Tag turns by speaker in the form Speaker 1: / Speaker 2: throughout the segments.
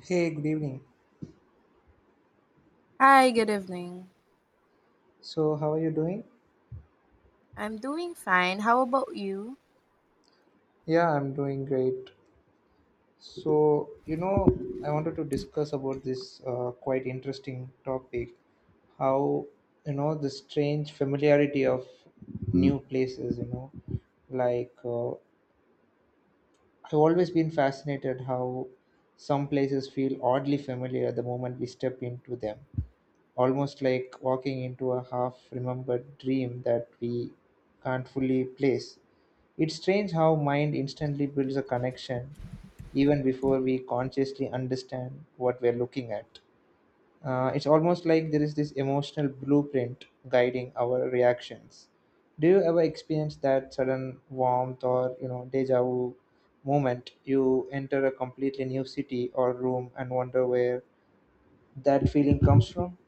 Speaker 1: Hey, good evening.
Speaker 2: Hi, good evening.
Speaker 1: So, how are you doing?
Speaker 2: I'm doing fine. How about you?
Speaker 1: Yeah, I'm doing great. So, you know, I wanted to discuss about this quite interesting topic how, the strange familiarity of new places, like uh, I've always been fascinated how some places feel oddly familiar the moment we step into them, almost like walking into a half remembered dream that we can't fully place. It's strange how mind instantly builds a connection even before we consciously understand what we're looking at. It's almost like there is this emotional blueprint guiding our reactions. Do you ever experience that sudden warmth or deja vu moment? You enter a completely new city or room and wonder where that feeling comes from.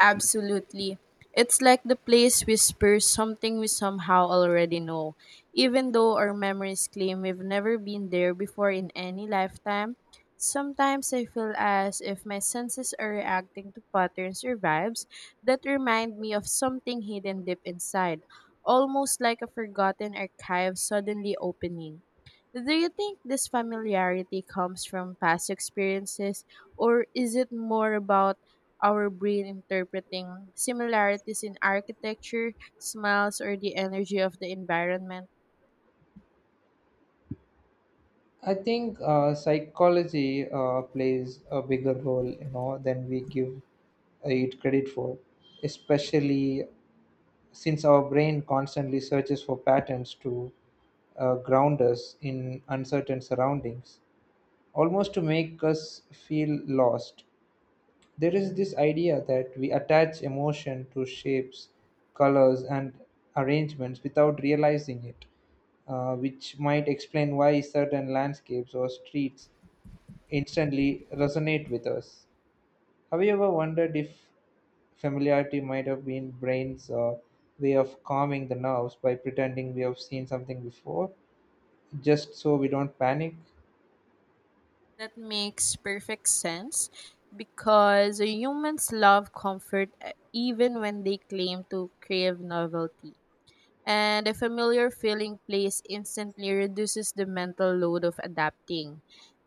Speaker 2: Absolutely. It's like the place whispers something we somehow already know. Even though our memories claim we've never been there before in any lifetime, sometimes I feel as if my senses are reacting to patterns or vibes that remind me of something hidden deep inside, almost like a forgotten archive suddenly opening. Do you think this familiarity comes from past experiences, or is it more about our brain interpreting similarities in architecture, smells, or the energy of the environment?
Speaker 1: I think psychology plays a bigger role, than we give it credit for, especially since our brain constantly searches for patterns to ground us in uncertain surroundings, almost to make us feel lost. There is this idea that we attach emotion to shapes, colors, and arrangements without realizing it, which might explain why certain landscapes or streets instantly resonate with us. Have you ever wondered if familiarity might have been brain's way of calming the nerves by pretending we have seen something before, just so we don't panic?
Speaker 2: That makes perfect sense because humans love comfort even when they claim to crave novelty. And a familiar feeling place instantly reduces the mental load of adapting.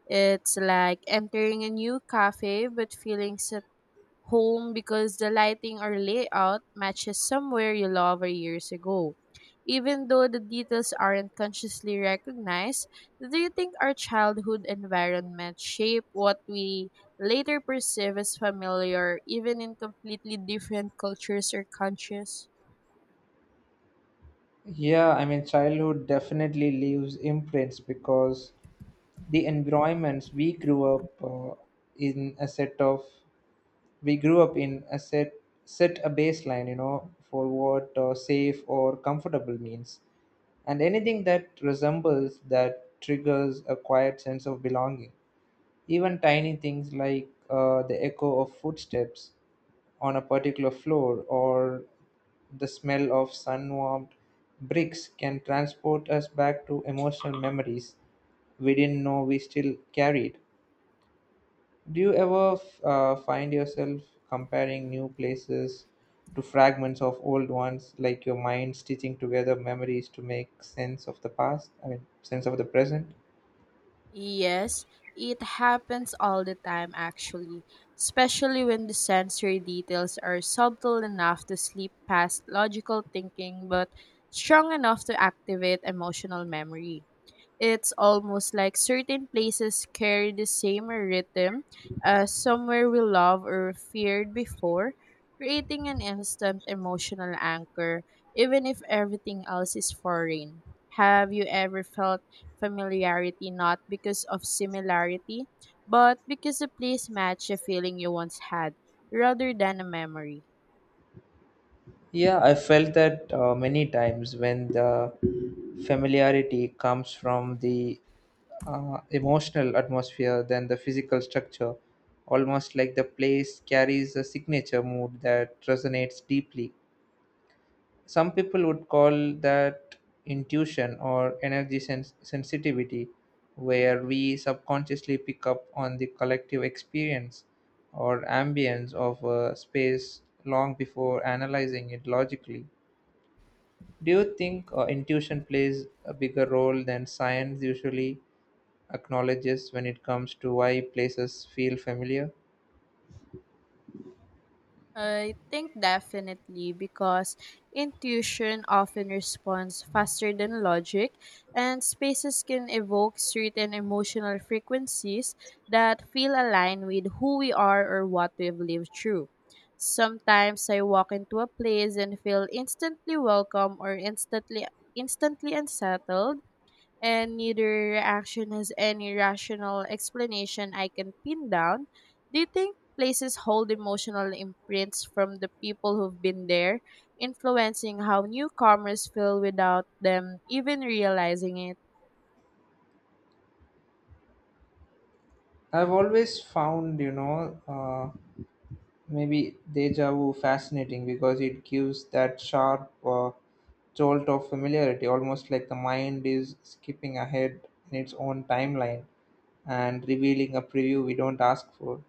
Speaker 2: It's like entering a new cafe but feeling set home because the lighting or layout matches somewhere you love or years ago. Even though the details aren't consciously recognized, do you think our childhood environment shape what we later perceive as familiar, even in completely different cultures or countries?
Speaker 1: Yeah, I mean, childhood definitely leaves imprints because the environments we grew up in a set of, we grew up in a set a baseline, for what safe or comfortable means, and anything that resembles that triggers a quiet sense of belonging. Even tiny things like the echo of footsteps on a particular floor or the smell of sun warmed bricks can transport us back to emotional memories we didn't know we still carried. Do you ever find yourself comparing new places to fragments of old ones, like your mind stitching together memories to make sense of the past, I mean, sense of the present?
Speaker 2: Yes, it happens all the time actually, especially when the sensory details are subtle enough to slip past logical thinking but strong enough to activate emotional memory. It's almost like certain places carry the same rhythm as somewhere we loved or feared before, creating an instant emotional anchor, even if everything else is foreign. Have you ever felt familiarity not because of similarity, but because the place matched a feeling you once had rather than a memory?
Speaker 1: Yeah, I felt that many times when the familiarity comes from the emotional atmosphere than the physical structure, almost like the place carries a signature mood that resonates deeply. Some people would call that intuition or energy sensitivity, where we subconsciously pick up on the collective experience or ambience of a space long before analyzing it logically. Do you think intuition plays a bigger role than science usually acknowledges when it comes to why places feel familiar?
Speaker 2: I think definitely, because intuition often responds faster than logic, and spaces can evoke certain emotional frequencies that feel aligned with who we are or what we've lived through. Sometimes I walk into a place and feel instantly welcome or instantly unsettled, and neither reaction has any rational explanation I can pin down. Do you think places hold emotional imprints from the people who've been there, influencing how newcomers feel without them even realizing it?
Speaker 1: I've always found, maybe deja vu fascinating because it gives that sharp jolt of familiarity, almost like the mind is skipping ahead in its own timeline and revealing a preview we don't ask for.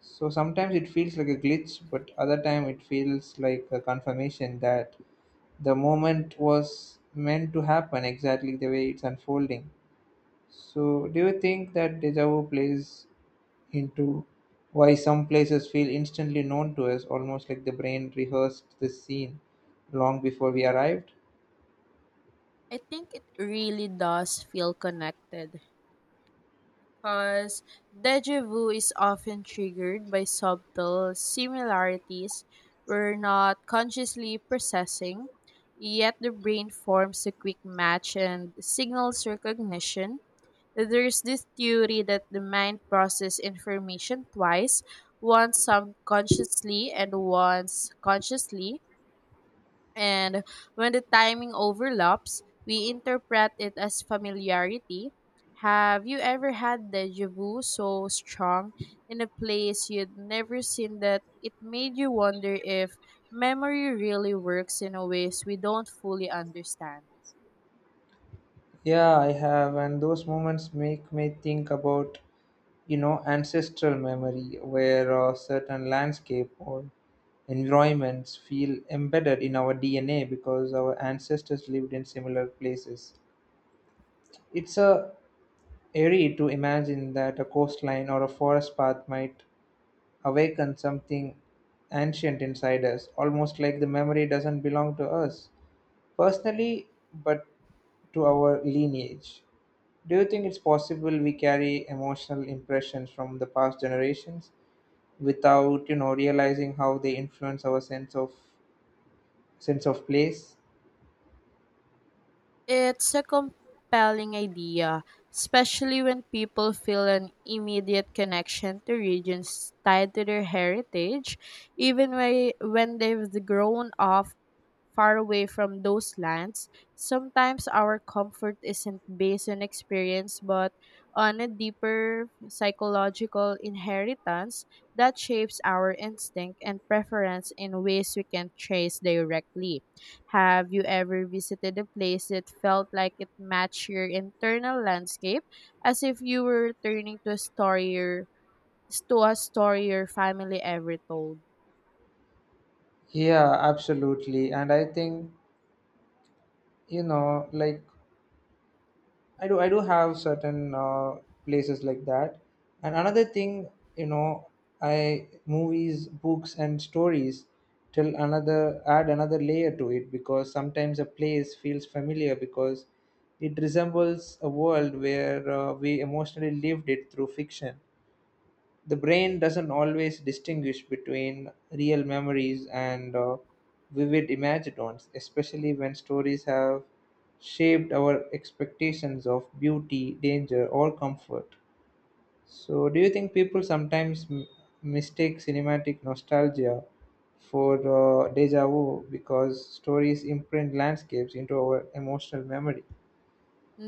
Speaker 1: So sometimes it feels like a glitch, but other time it feels like a confirmation that the moment was meant to happen exactly the way it's unfolding. So do you think that deja vu plays into why some places feel instantly known to us, almost like the brain rehearsed this scene long before we arrived.
Speaker 2: I think it really does feel connected because deja vu is often triggered by subtle similarities we're not consciously processing, yet the brain forms a quick match and signals recognition. There's this theory that the mind processes information twice, once subconsciously and once consciously, and when the timing overlaps, we interpret it as familiarity. Have you ever had deja vu so strong in a place you'd never seen that it made you wonder if memory really works in a ways we don't fully understand?
Speaker 1: Yeah, I have, and those moments make me think about ancestral memory, where a certain landscape or environments feel embedded in our DNA because our ancestors lived in similar places. It's a eerie to imagine that a coastline or a forest path might awaken something ancient inside us, almost like the memory doesn't belong to us personally, but to our lineage. Do you think it's possible we carry emotional impressions from the past generations without, realizing how they influence our sense of place?
Speaker 2: It's a compelling idea, especially when people feel an immediate connection to regions tied to their heritage, even when they've grown up far away from those lands. Sometimes our comfort isn't based on experience but on a deeper psychological inheritance that shapes our instinct and preference in ways we can trace directly. Have you ever visited a place that felt like it matched your internal landscape, as if you were returning to to a story your family ever told?
Speaker 1: Yeah, absolutely. And I think, you know, like I do have certain places like that. And another thing, you know, I movies, books, and stories till another add another layer to it because sometimes a place feels familiar because it resembles a world where we emotionally lived it through fiction. The brain doesn't always distinguish between real memories and vivid imagined ones, especially when stories have shaped our expectations of beauty, danger, or comfort. So, do you think people sometimes mistake cinematic nostalgia for deja vu because stories imprint landscapes into our emotional memory?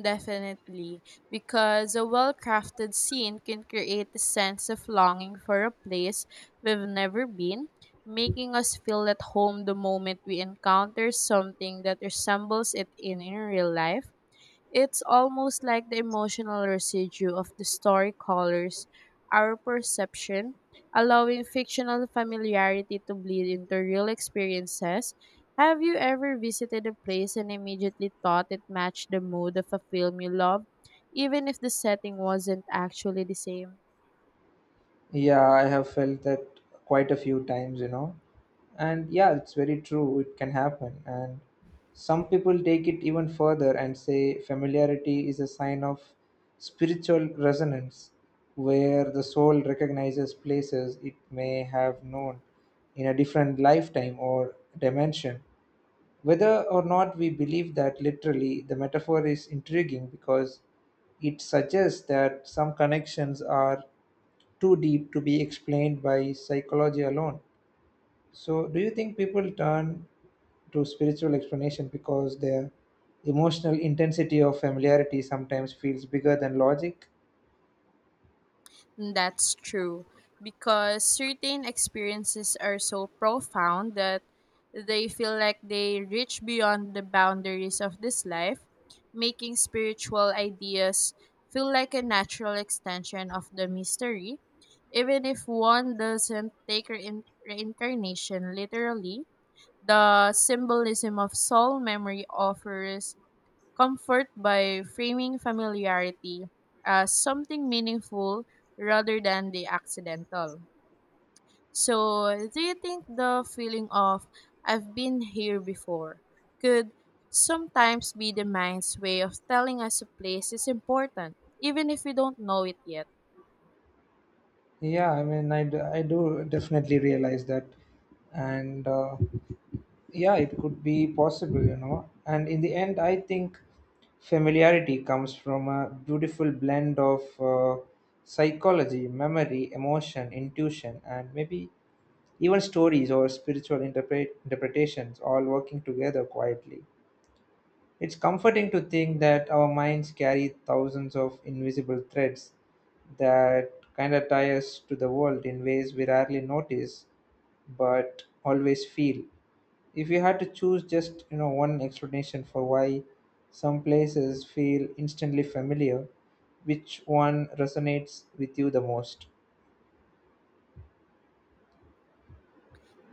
Speaker 2: Definitely, because a well crafted scene can create a sense of longing for a place we've never been, making us feel at home the moment we encounter something that resembles it in real life. It's almost like the emotional residue of the story colors our perception, allowing fictional familiarity to bleed into real experiences. Have you ever visited a place and immediately thought it matched the mood of a film you loved, even if the setting wasn't actually the same?
Speaker 1: Yeah, I have felt that quite a few times, And yeah, it's very true, it can happen. And some people take it even further and say familiarity is a sign of spiritual resonance, where the soul recognizes places it may have known in a different lifetime or dimension. Whether or not we believe that literally, the metaphor is intriguing because it suggests that some connections are too deep to be explained by psychology alone. So, do you think people turn to spiritual explanation because their emotional intensity of familiarity sometimes feels bigger than logic?
Speaker 2: Mm, that's true, because certain experiences are so profound that they feel like they reach beyond the boundaries of this life, making spiritual ideas feel like a natural extension of the mystery. Even if one doesn't take reincarnation literally, the symbolism of soul memory offers comfort by framing familiarity as something meaningful rather than the accidental. So, do you think the feeling of "I've been here before" could sometimes be the mind's way of telling us a place is important, even if we don't know it yet?
Speaker 1: Yeah, I mean, I do definitely realize that. And yeah, it could be possible, and in the end I think familiarity comes from a beautiful blend of psychology, memory, emotion, intuition, and maybe even stories or spiritual interpretations, all working together quietly. It's comforting to think that our minds carry thousands of invisible threads that kind of tie us to the world in ways we rarely notice but always feel. If you had to choose just one explanation for why some places feel instantly familiar, which one resonates with you the most?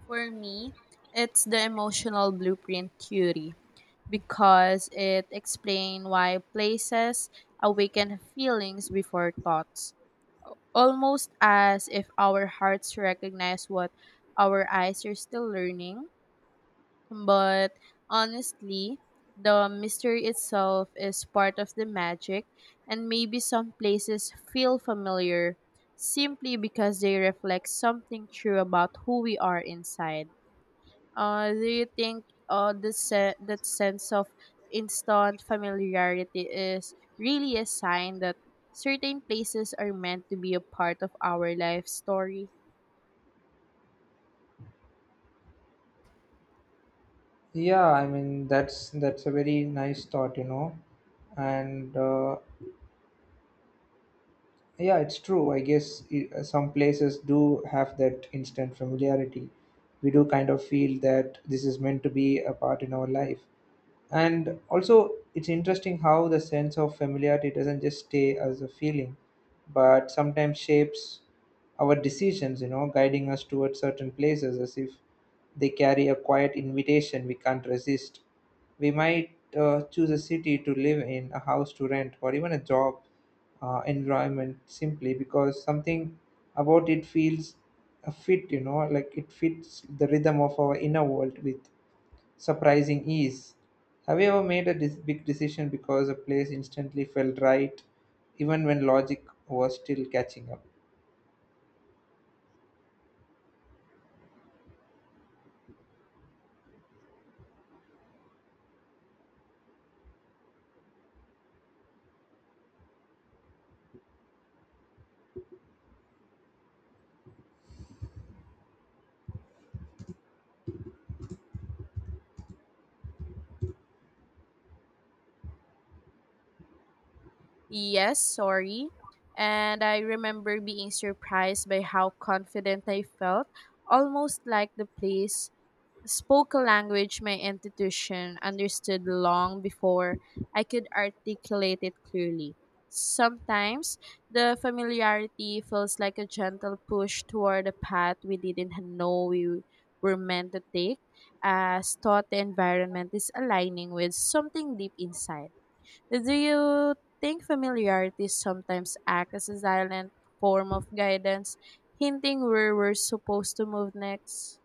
Speaker 2: For me, it's the emotional blueprint theory, because it explains why places awaken feelings before thoughts, almost as if our hearts recognize what our eyes are still learning. But honestly, the mystery itself is part of the magic, and maybe some places feel familiar simply because they reflect something true about who we are inside. Do you think that sense of instant familiarity is really a sign that certain places are meant to be a part of our life story?
Speaker 1: Yeah, I mean, that's a very nice thought, and yeah, it's true. Some places do have that instant familiarity. We do kind of feel that this is meant to be a part in our life. And also, it's interesting how the sense of familiarity doesn't just stay as a feeling, but sometimes shapes our decisions, guiding us towards certain places as if they carry a quiet invitation we can't resist. We might choose a city to live in, a house to rent, or even a job environment simply because something about it feels a fit, like it fits the rhythm of our inner world with surprising ease. Have you ever made a big decision because a place instantly felt right, even when logic was still catching up?
Speaker 2: Yes, sorry. And I remember being surprised by how confident I felt, almost like the place spoke a language my intuition understood long before I could articulate it clearly. Sometimes the familiarity feels like a gentle push toward a path we didn't know we were meant to take, as thought the environment is aligning with something deep inside. Do you think familiarity sometimes acts as a silent form of guidance, hinting where we're supposed to move next?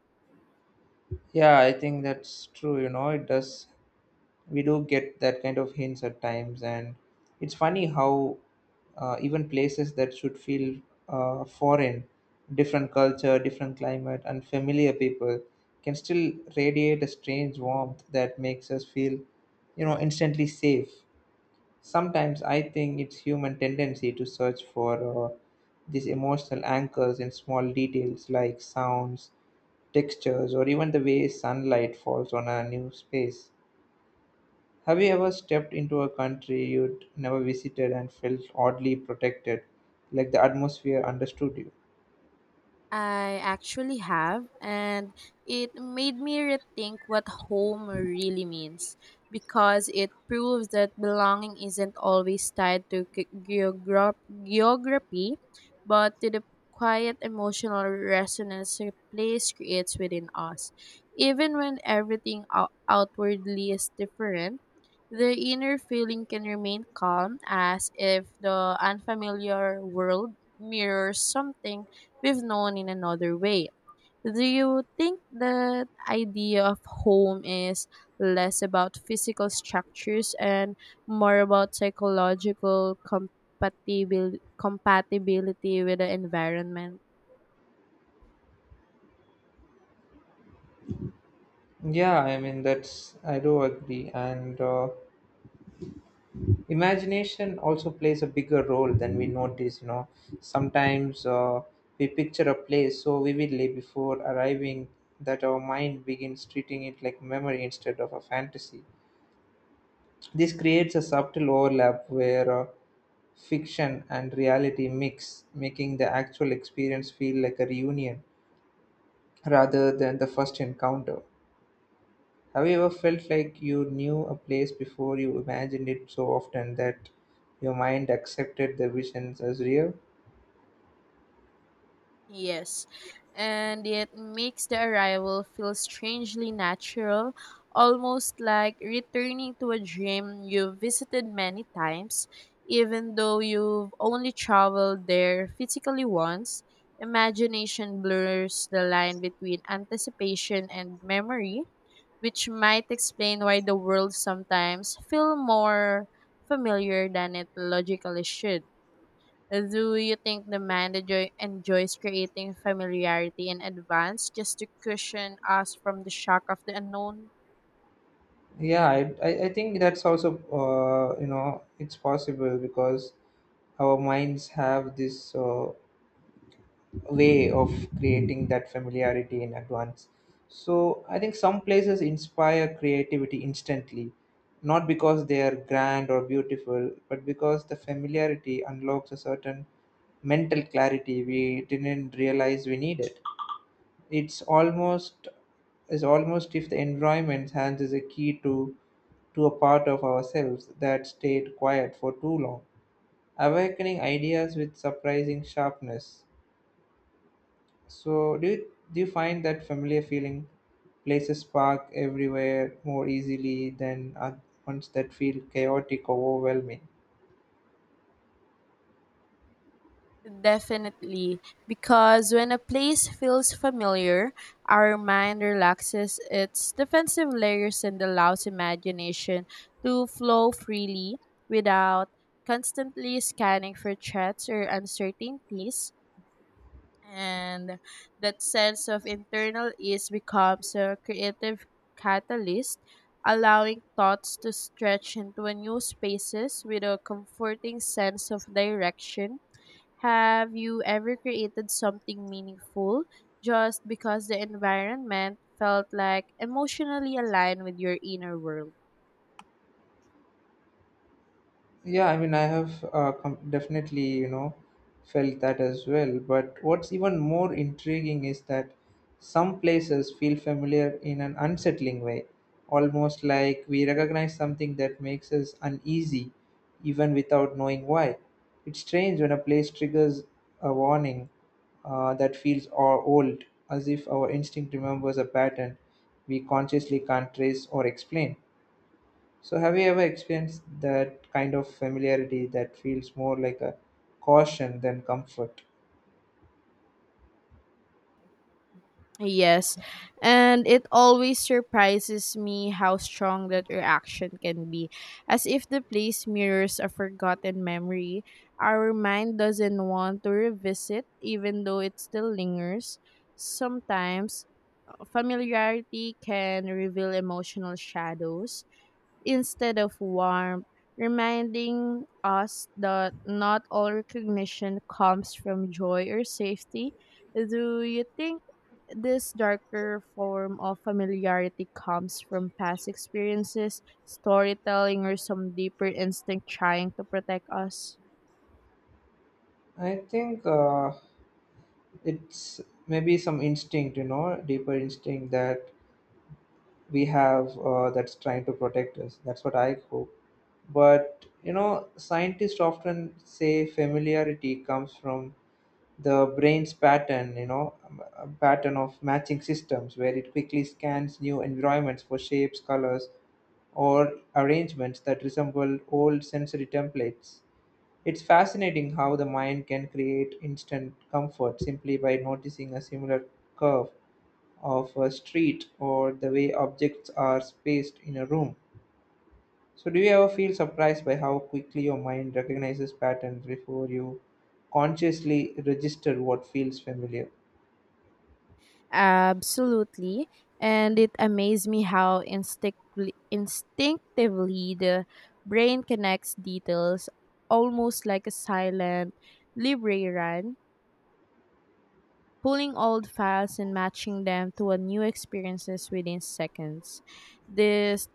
Speaker 1: Yeah, I think that's true. You know, it does. We do get that kind of hints at times, and it's funny how even places that should feel foreign, different culture, different climate, unfamiliar people, can still radiate a strange warmth that makes us feel, instantly safe. Sometimes I think it's human tendency to search for these emotional anchors in small details like sounds, textures, or even the way sunlight falls on a new space. Have you ever stepped into a country you'd never visited and felt oddly protected, like the atmosphere understood you?
Speaker 2: I actually have, and it made me rethink what home really means, because it proves that belonging isn't always tied to geography but to the quiet emotional resonance a place creates within us. Even when everything outwardly is different, the inner feeling can remain calm, as if the unfamiliar world mirrors something we've known in another way. Do you think the idea of home is less about physical structures and more about psychological compatibility with the environment?
Speaker 1: Yeah, I mean, that's, I do agree. And imagination also plays a bigger role than we notice. You know, sometimes we picture a place so vividly before arriving that our mind begins treating it like memory instead of a fantasy. This creates a subtle overlap where fiction and reality mix, making the actual experience feel like a reunion rather than the first encounter. Have you ever felt like you knew a place before you imagined it so often that your mind accepted the visions as real?
Speaker 2: Yes, and it makes the arrival feel strangely natural, almost like returning to a dream you've visited many times, even though you've only traveled there physically once. Imagination blurs the line between anticipation and memory, which might explain why the world sometimes feels more familiar than it logically should. Do you think the manager enjoys creating familiarity in advance just to cushion us from the shock of the unknown?
Speaker 1: Yeah, I think that's also, it's possible because our minds have this way of creating that familiarity in advance. So I think some places inspire creativity instantly, not because they are grand or beautiful, but because the familiarity unlocks a certain mental clarity we didn't realize we needed. It's almost is almost if the environment hands is a key to a part of ourselves that stayed quiet for too long, awakening ideas with surprising sharpness. So do you find that familiar feeling? Places park everywhere more easily than ones that feel chaotic or overwhelming.
Speaker 2: Definitely, because when a place feels familiar, our mind relaxes its defensive layers and allows imagination to flow freely without constantly scanning for threats or uncertainties. And that sense of internal ease becomes a creative catalyst, allowing thoughts to stretch into a new spaces with a comforting sense of direction. Have you ever created something meaningful just because the environment felt like emotionally aligned with your inner world?
Speaker 1: Yeah, I mean, I have definitely, felt that as well. But what's even more intriguing is that some places feel familiar in an unsettling way, almost like we recognize something that makes us uneasy, even without knowing why. It's strange when a place triggers a warning that feels or old, as if our instinct remembers a pattern we consciously can't trace or explain. So, have you ever experienced that kind of familiarity that feels more like a caution than comfort?
Speaker 2: Yes, and it always surprises me how strong that reaction can be, as if the place mirrors a forgotten memory our mind doesn't want to revisit, even though it still lingers. Sometimes familiarity can reveal emotional shadows instead of warmth, reminding us that not all recognition comes from joy or safety. Do you think this darker form of familiarity comes from past experiences, storytelling, or some deeper instinct trying to protect us?
Speaker 1: I think it's maybe some instinct, deeper instinct that we have that's trying to protect us. That's what I hope. But, you know, scientists often say familiarity comes from the brain's pattern you know pattern of matching systems where it quickly scans new environments for shapes, colors, or arrangements that resemble old sensory templates. It's fascinating how the mind can create instant comfort simply by noticing a similar curve of a street or the way objects are spaced in a room. So do you ever feel surprised by how quickly your mind recognizes patterns before you consciously register what feels familiar?
Speaker 2: Absolutely. And it amazed me how instinctively the brain connects details, almost like a silent librarian pulling old files and matching them to a new experiences within seconds. This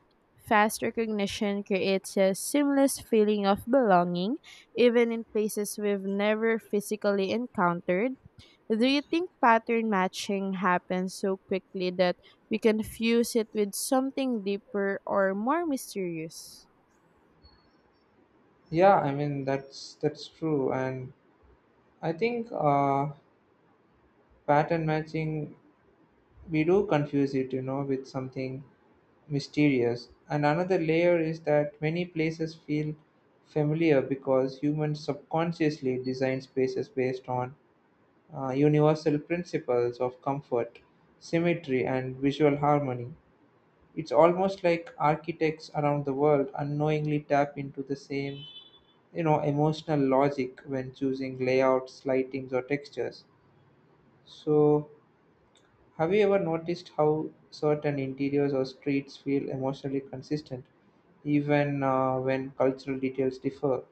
Speaker 2: fast recognition creates a seamless feeling of belonging, even in places we've never physically encountered. Do you think pattern matching happens so quickly that we confuse it with something deeper or more mysterious?
Speaker 1: Yeah, I mean that's true, and I think pattern matching, we do confuse it, you know, with something mysterious. And another layer is that many places feel familiar because humans subconsciously design spaces based on universal principles of comfort, symmetry, and visual harmony. It's almost like architects around the world unknowingly tap into the same, you know, emotional logic when choosing layouts, lightings, or textures. So have you ever noticed how certain interiors or streets feel emotionally consistent even when cultural details differ?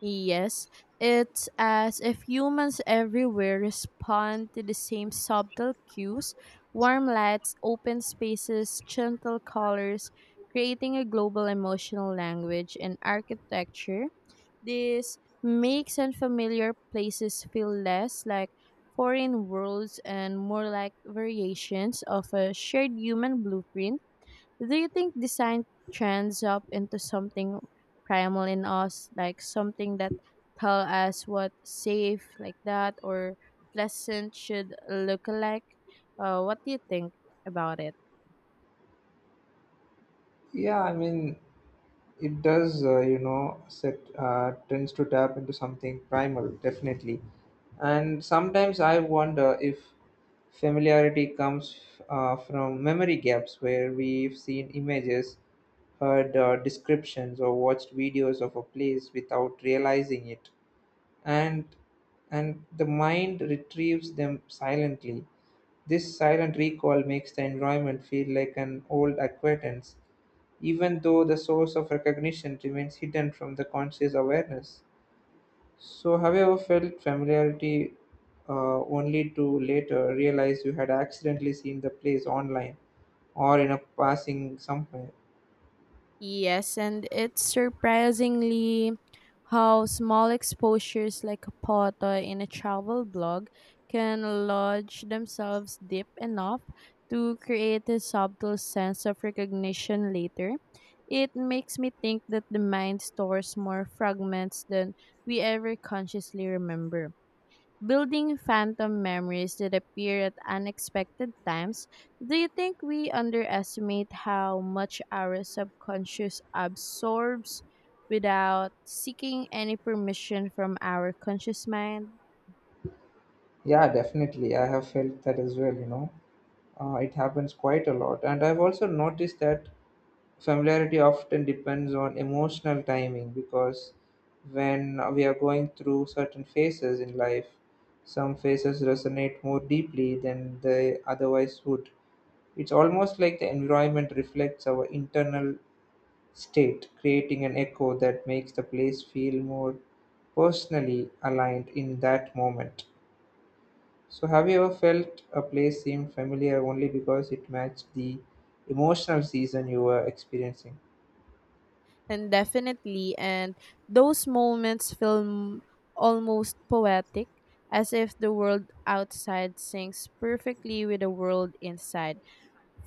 Speaker 2: Yes, it's as if humans everywhere respond to the same subtle cues: warm lights, open spaces, gentle colors, creating a global emotional language and architecture. This makes unfamiliar places feel less like foreign worlds and more like variations of a shared human blueprint. Do you think design trends up into something primal in us, like something that tell us what safe like that or pleasant should look like? What do you think about it?
Speaker 1: Yeah, I mean it does, you know, set tends to tap into something primal, definitely. And sometimes I wonder if familiarity comes from memory gaps where we've seen images, heard descriptions, or watched videos of a place without realizing it. And and the mind retrieves them silently. This silent recall makes the environment feel like an old acquaintance, even though the source of recognition remains hidden from the conscious awareness. So, have you ever felt familiarity only to later realize you had accidentally seen the place online or in a passing somewhere?
Speaker 2: Yes, and it's surprisingly how small exposures like a photo in a travel blog can lodge themselves deep enough to create a subtle sense of recognition later. It makes me think that the mind stores more fragments than we ever consciously remember, building phantom memories that appear at unexpected times. Do you think we underestimate how much our subconscious absorbs without seeking any permission from our conscious mind?
Speaker 1: Yeah, definitely. I have felt that as well, you know. It happens quite a lot. And I've also noticed that familiarity often depends on emotional timing because when we are going through certain phases in life, some phases resonate more deeply than they otherwise would. It's almost like the environment reflects our internal state, creating an echo that makes the place feel more personally aligned in that moment. So, have you ever felt a place seemed familiar only because it matched the emotional season you were experiencing?
Speaker 2: And definitely, and those moments feel almost poetic, as if the world outside syncs perfectly with the world inside,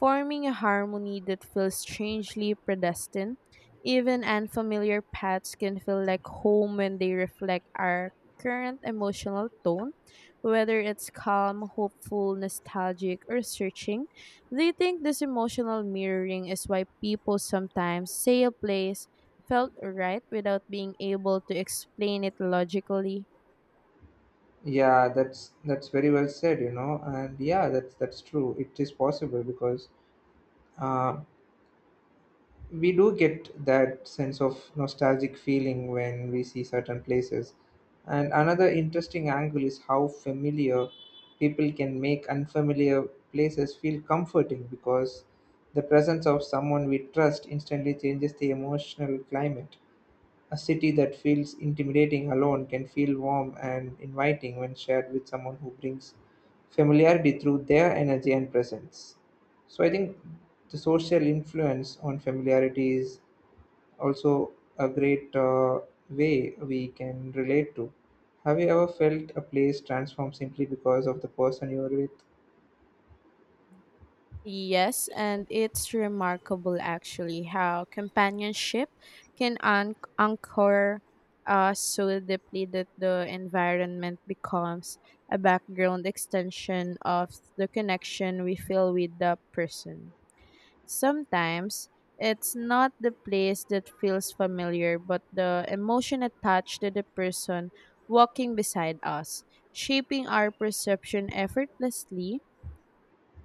Speaker 2: forming a harmony that feels strangely predestined. Even unfamiliar paths can feel like home when they reflect our current emotional tone, whether it's calm, hopeful, nostalgic, or searching. They think this emotional mirroring is why people sometimes say a place felt right without being able to explain it logically.
Speaker 1: Yeah, that's very well said, you know, and yeah, that's true. It is possible because uh, we do get that sense of nostalgic feeling when we see certain places. And another interesting angle is how familiar people can make unfamiliar places feel comforting because the presence of someone we trust instantly changes the emotional climate. A city that feels intimidating alone can feel warm and inviting when shared with someone who brings familiarity through their energy and presence. So I think the social influence on familiarity is also a great way we can relate to. Have you ever felt a place transform simply because of the person you are with?
Speaker 2: Yes, and it's remarkable actually how companionship can anchor us so deeply that the environment becomes a background extension of the connection we feel with the person. Sometimes it's not the place that feels familiar, but the emotion attached to the person walking beside us, shaping our perception effortlessly.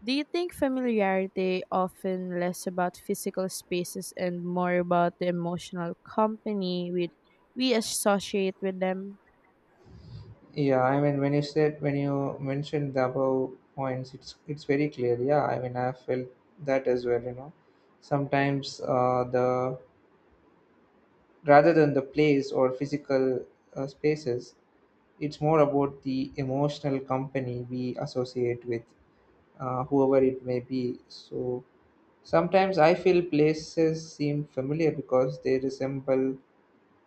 Speaker 2: Do you think familiarity often less about physical spaces and more about the emotional company we associate with them?
Speaker 1: Yeah, I mean, when you mentioned the above points, it's very clear. Yeah, I mean, I felt that as well. You know, sometimes the rather than the place or physical spaces, it's more about the emotional company we associate with, whoever it may be. So sometimes I feel places seem familiar because they resemble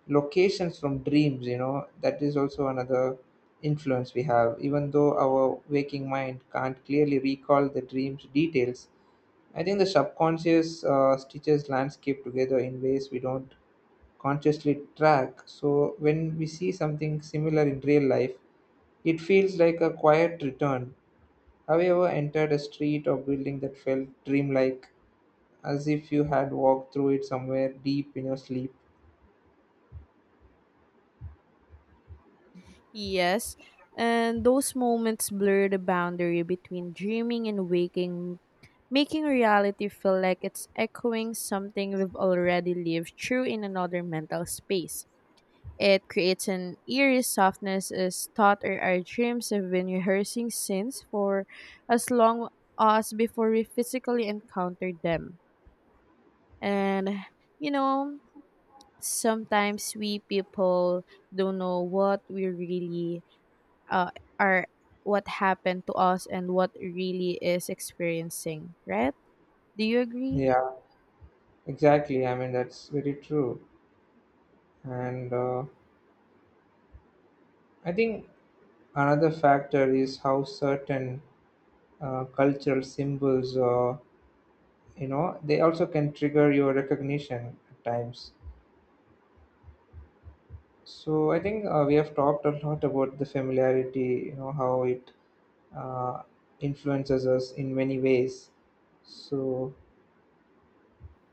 Speaker 1: locations from dreams, you know, that is also another influence we have, even though our waking mind can't clearly recall the dream's details. I think the subconscious stitches landscape together in ways we don't consciously track, so when we see something similar in real life, it feels like a quiet return. Have you ever entered a street or building that felt dreamlike, as if you had walked through it somewhere deep in your sleep?
Speaker 2: Yes, and those moments blur the boundary between dreaming and waking, making reality feel like it's echoing something we've already lived through in another mental space. It creates an eerie softness, as thought or our dreams have been rehearsing since for as long as before we physically encountered them. And you know, sometimes we people don't know what we really uh, are, what happened to us and what really is experiencing, right? Do you agree?
Speaker 1: Yeah, exactly, I mean that's very true. And I think another factor is how certain cultural symbols, you know, they also can trigger your recognition at times. So I think we have talked a lot about the familiarity, you know, how it uh, influences us in many ways. So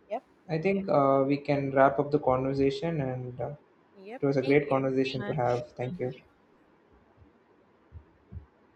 Speaker 2: Yep,
Speaker 1: I think we can wrap up the conversation, and
Speaker 2: yep.
Speaker 1: it was a
Speaker 2: Thank
Speaker 1: great
Speaker 2: you so
Speaker 1: conversation to
Speaker 2: much.
Speaker 1: have. Thank you.